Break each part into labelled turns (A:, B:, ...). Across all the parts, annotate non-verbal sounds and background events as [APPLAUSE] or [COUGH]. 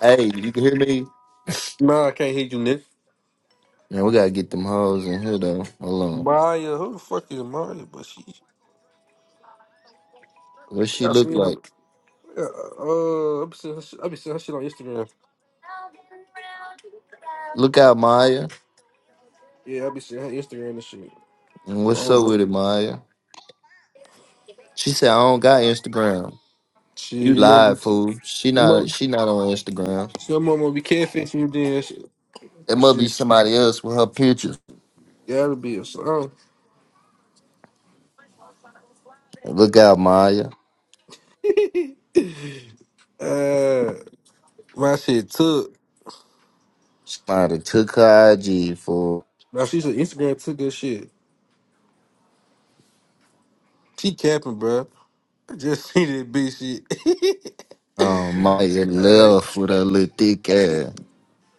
A: Hey, you can hear me?
B: No, I can't hear you, Nick.
A: Man, we gotta get them hoes in here though. Hold on.
B: Maya, who the fuck is Maya? But she,
A: What
B: I
A: she look
B: seen her.
A: like?
B: Yeah, Uh, I be seeing her, shit- I be seeing her shit on Instagram.
A: Look out, Maya.
B: Yeah, I be seeing her Instagram and shit.
A: And
B: I
A: what's
B: don't
A: up
B: know.
A: with it, Maya? She said I don't got Instagram.
B: Shit,
A: You
B: your mother,
A: lied,
B: be-
A: fool. She
B: your
A: not
B: mother,
A: she not on Instagram.
B: your mama be catfishing you then. Shit,
A: It
B: But
A: must be
B: shit,
A: somebody else with her pictures.
B: gotta be a song.
A: Look out, Maya.
B: [SIGHS] Uh, my shit took.
A: Somebody took her IG for
B: Now she's said Instagram took good shit. She capping, bro. I just [LAUGHS] seen that bitch shit.
A: um Maya
B: [LAUGHS] All right.
A: left with her little thick ass.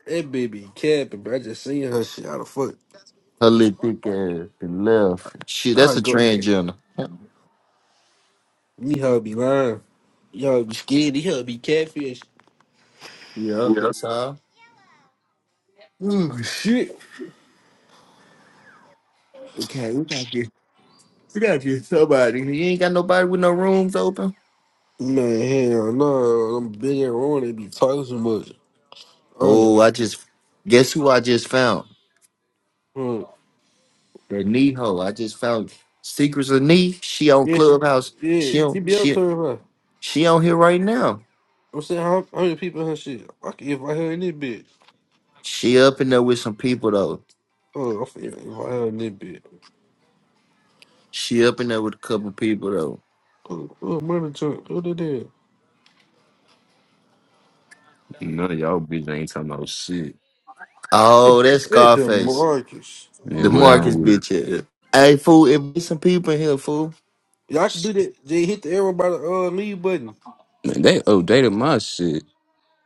B: That baby capping, bro. I just seen her shit. How the fuck?
A: Her little thick ass and left. She
B: I
A: that's a
B: go.
A: transgender. [LAUGHS]
B: You hell be lying. Y'all be scared. You hell be catfish.
A: Yep, that's her.
B: Ooh, shit.
A: Okay, we trying You got you somebody. You ain't got nobody with no rooms open.
B: Man, hell no. I'm big and wrong. They be talking so much. Oh, yeah.
A: Oh, I just guess who I just found.
B: Mm.
A: That knee hoe. I just found Secrets of Knee. She on
B: Yes.
A: Clubhouse.
B: Yeah.
A: She on
B: CBL
A: she
B: coming from.
A: she on here right now.
B: I'm saying, how, how many people in her shit? I can invite her in this bitch.
A: She up in there with some people though.
B: Oh, I feel invite her in this bitch.
A: She up in there with a couple people though.
B: Oh, oh money jump. What it is?
C: None of y'all bitch ain't talking about shit.
B: It,
A: Oh, that's
B: it
A: Scarface.
B: Demarcus.
A: The
C: Man, what I
A: Marcus
C: with
A: bitch ass. Hey fool, it be some people in here, fool.
B: Y'all can do
C: it.
B: that. They hit the arrow by the uh, leave button.
C: Man, they outdated my shit.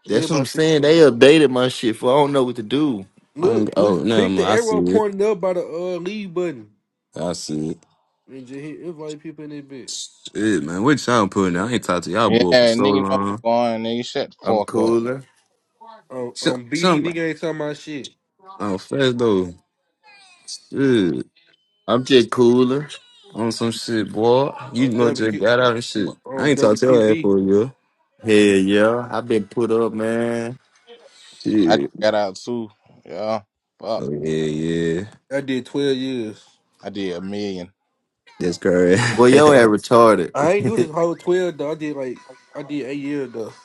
A: That's what I'm
B: Everybody
A: saying.
B: shit.
A: They updated my shit, fool. I don't know what to do.
C: I don't,
B: Look,
C: oh,
B: look,
C: no,
B: click
C: man,
B: the
C: I see
B: arrow
C: it.
B: pointing up by the uh leave button
C: I see it.
B: and just hit invite people in that bit.
C: Shit, man, what y'all putting out? I ain't talked to y'all boy for
D: Yeah,
C: so
D: nigga know what's
C: long.
D: going on, nigga. Shut the
A: I'm
D: fuck up.
A: cooler.
B: On
C: Some,
B: on BD,
C: some,
B: nigga ain't talking about shit.
C: oh, fast though. Shit.
A: I'm just cooler.
C: On some shit, boy. You
B: On
C: know, just
B: WQ,
C: got out and shit. I
B: on
C: ain't talked to your ass
B: WQB,
C: for a year.
A: Hell yeah, I've been put up, man.
D: I just
C: Shit.
D: got out too. Yeah. Fuck.
C: Oh, yeah, yeah.
B: I did twelve years.
D: I did a million.
C: That's correct.
A: Well,
C: [LAUGHS]
A: yo,
B: I,
A: ass
C: that
B: I ain't do this
A: retarded.
B: whole twelve though. I did like I did eight years though.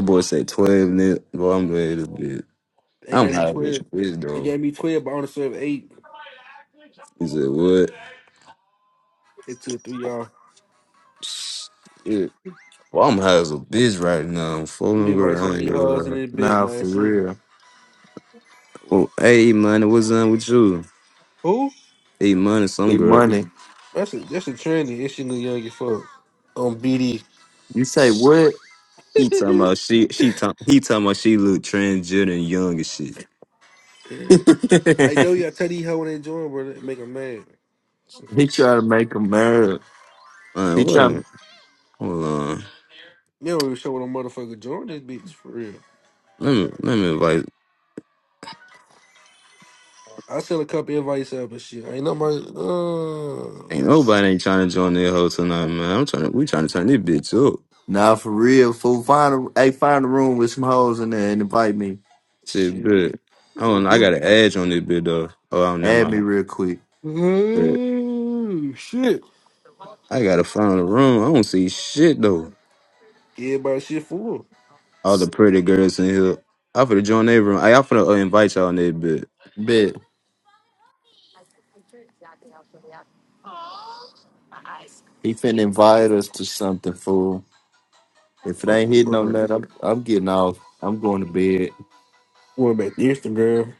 C: boy said 12 minutes. Boy, I'm ready to bit.
B: They
C: I'm
B: gave me
C: high as a
B: twelve.
C: bitch,
B: They
C: though.
B: gave me twelve, but I only served eight.
C: He said, what?
B: It took three y'all.
C: Yeah. Well, I'm high as a bitch right now. I'm
B: Let me
C: fooling
B: invite
C: girl.
B: some
C: I
B: of
C: ain't
B: these
C: gonna
B: hoes in
C: lie.
A: [LAUGHS]
B: that bit,
A: nah, for
B: man. So
A: real.
C: Well, hey man, what's up with you?
B: who?
C: Hey man, some
A: It
C: girl.
A: money.
B: That's a that's a trendy. It's young young as fuck on BD.
A: You say what?
C: He talking about she. She talking. He talking about she look transgender and young and shit.
A: [LAUGHS] he
B: [LAUGHS] Hey, though, you got tell these hoe when they join, bro, they make them mad. You
A: try to make him mad. He
C: Man, what?
A: try.
C: am- Hold on.
B: don't even show what a motherfucker join this bitch, for real.
C: Let me. Let me invite.
B: I sent a couple invites out, but shit, ain't nobody, uh,
C: Ain't nobody ain't trying to join their hoe tonight, man. I'm trying to. We trying to turn this bitch up.
A: Nah, for real. Fool, find a hey, find a room with some hoes in there and invite me.
C: Shit,
B: shit.
C: but I don't.
B: Like,
C: I
B: dude.
C: got an edge on this bitch though. Oh, I don't know
A: Add me
C: my.
A: real quick.
B: Ooh, shit.
C: I gotta find a room. I don't see shit though.
B: Everybody shit fool.
C: all the pretty girls in here. I finna join their room. Hey, I finna uh, invite y'all in there, bitch.
A: Bet he finna invite us to something, fool. If it
B: Uh,
A: ain't hitting
B: bro,
A: on that, I'm, I'm getting off. I'm going to bed.
B: went back to Instagram.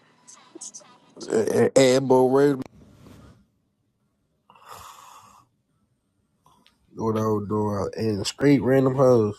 B: Uh, uh, Ad Bo Ray, what I was doing, and straight random hoes.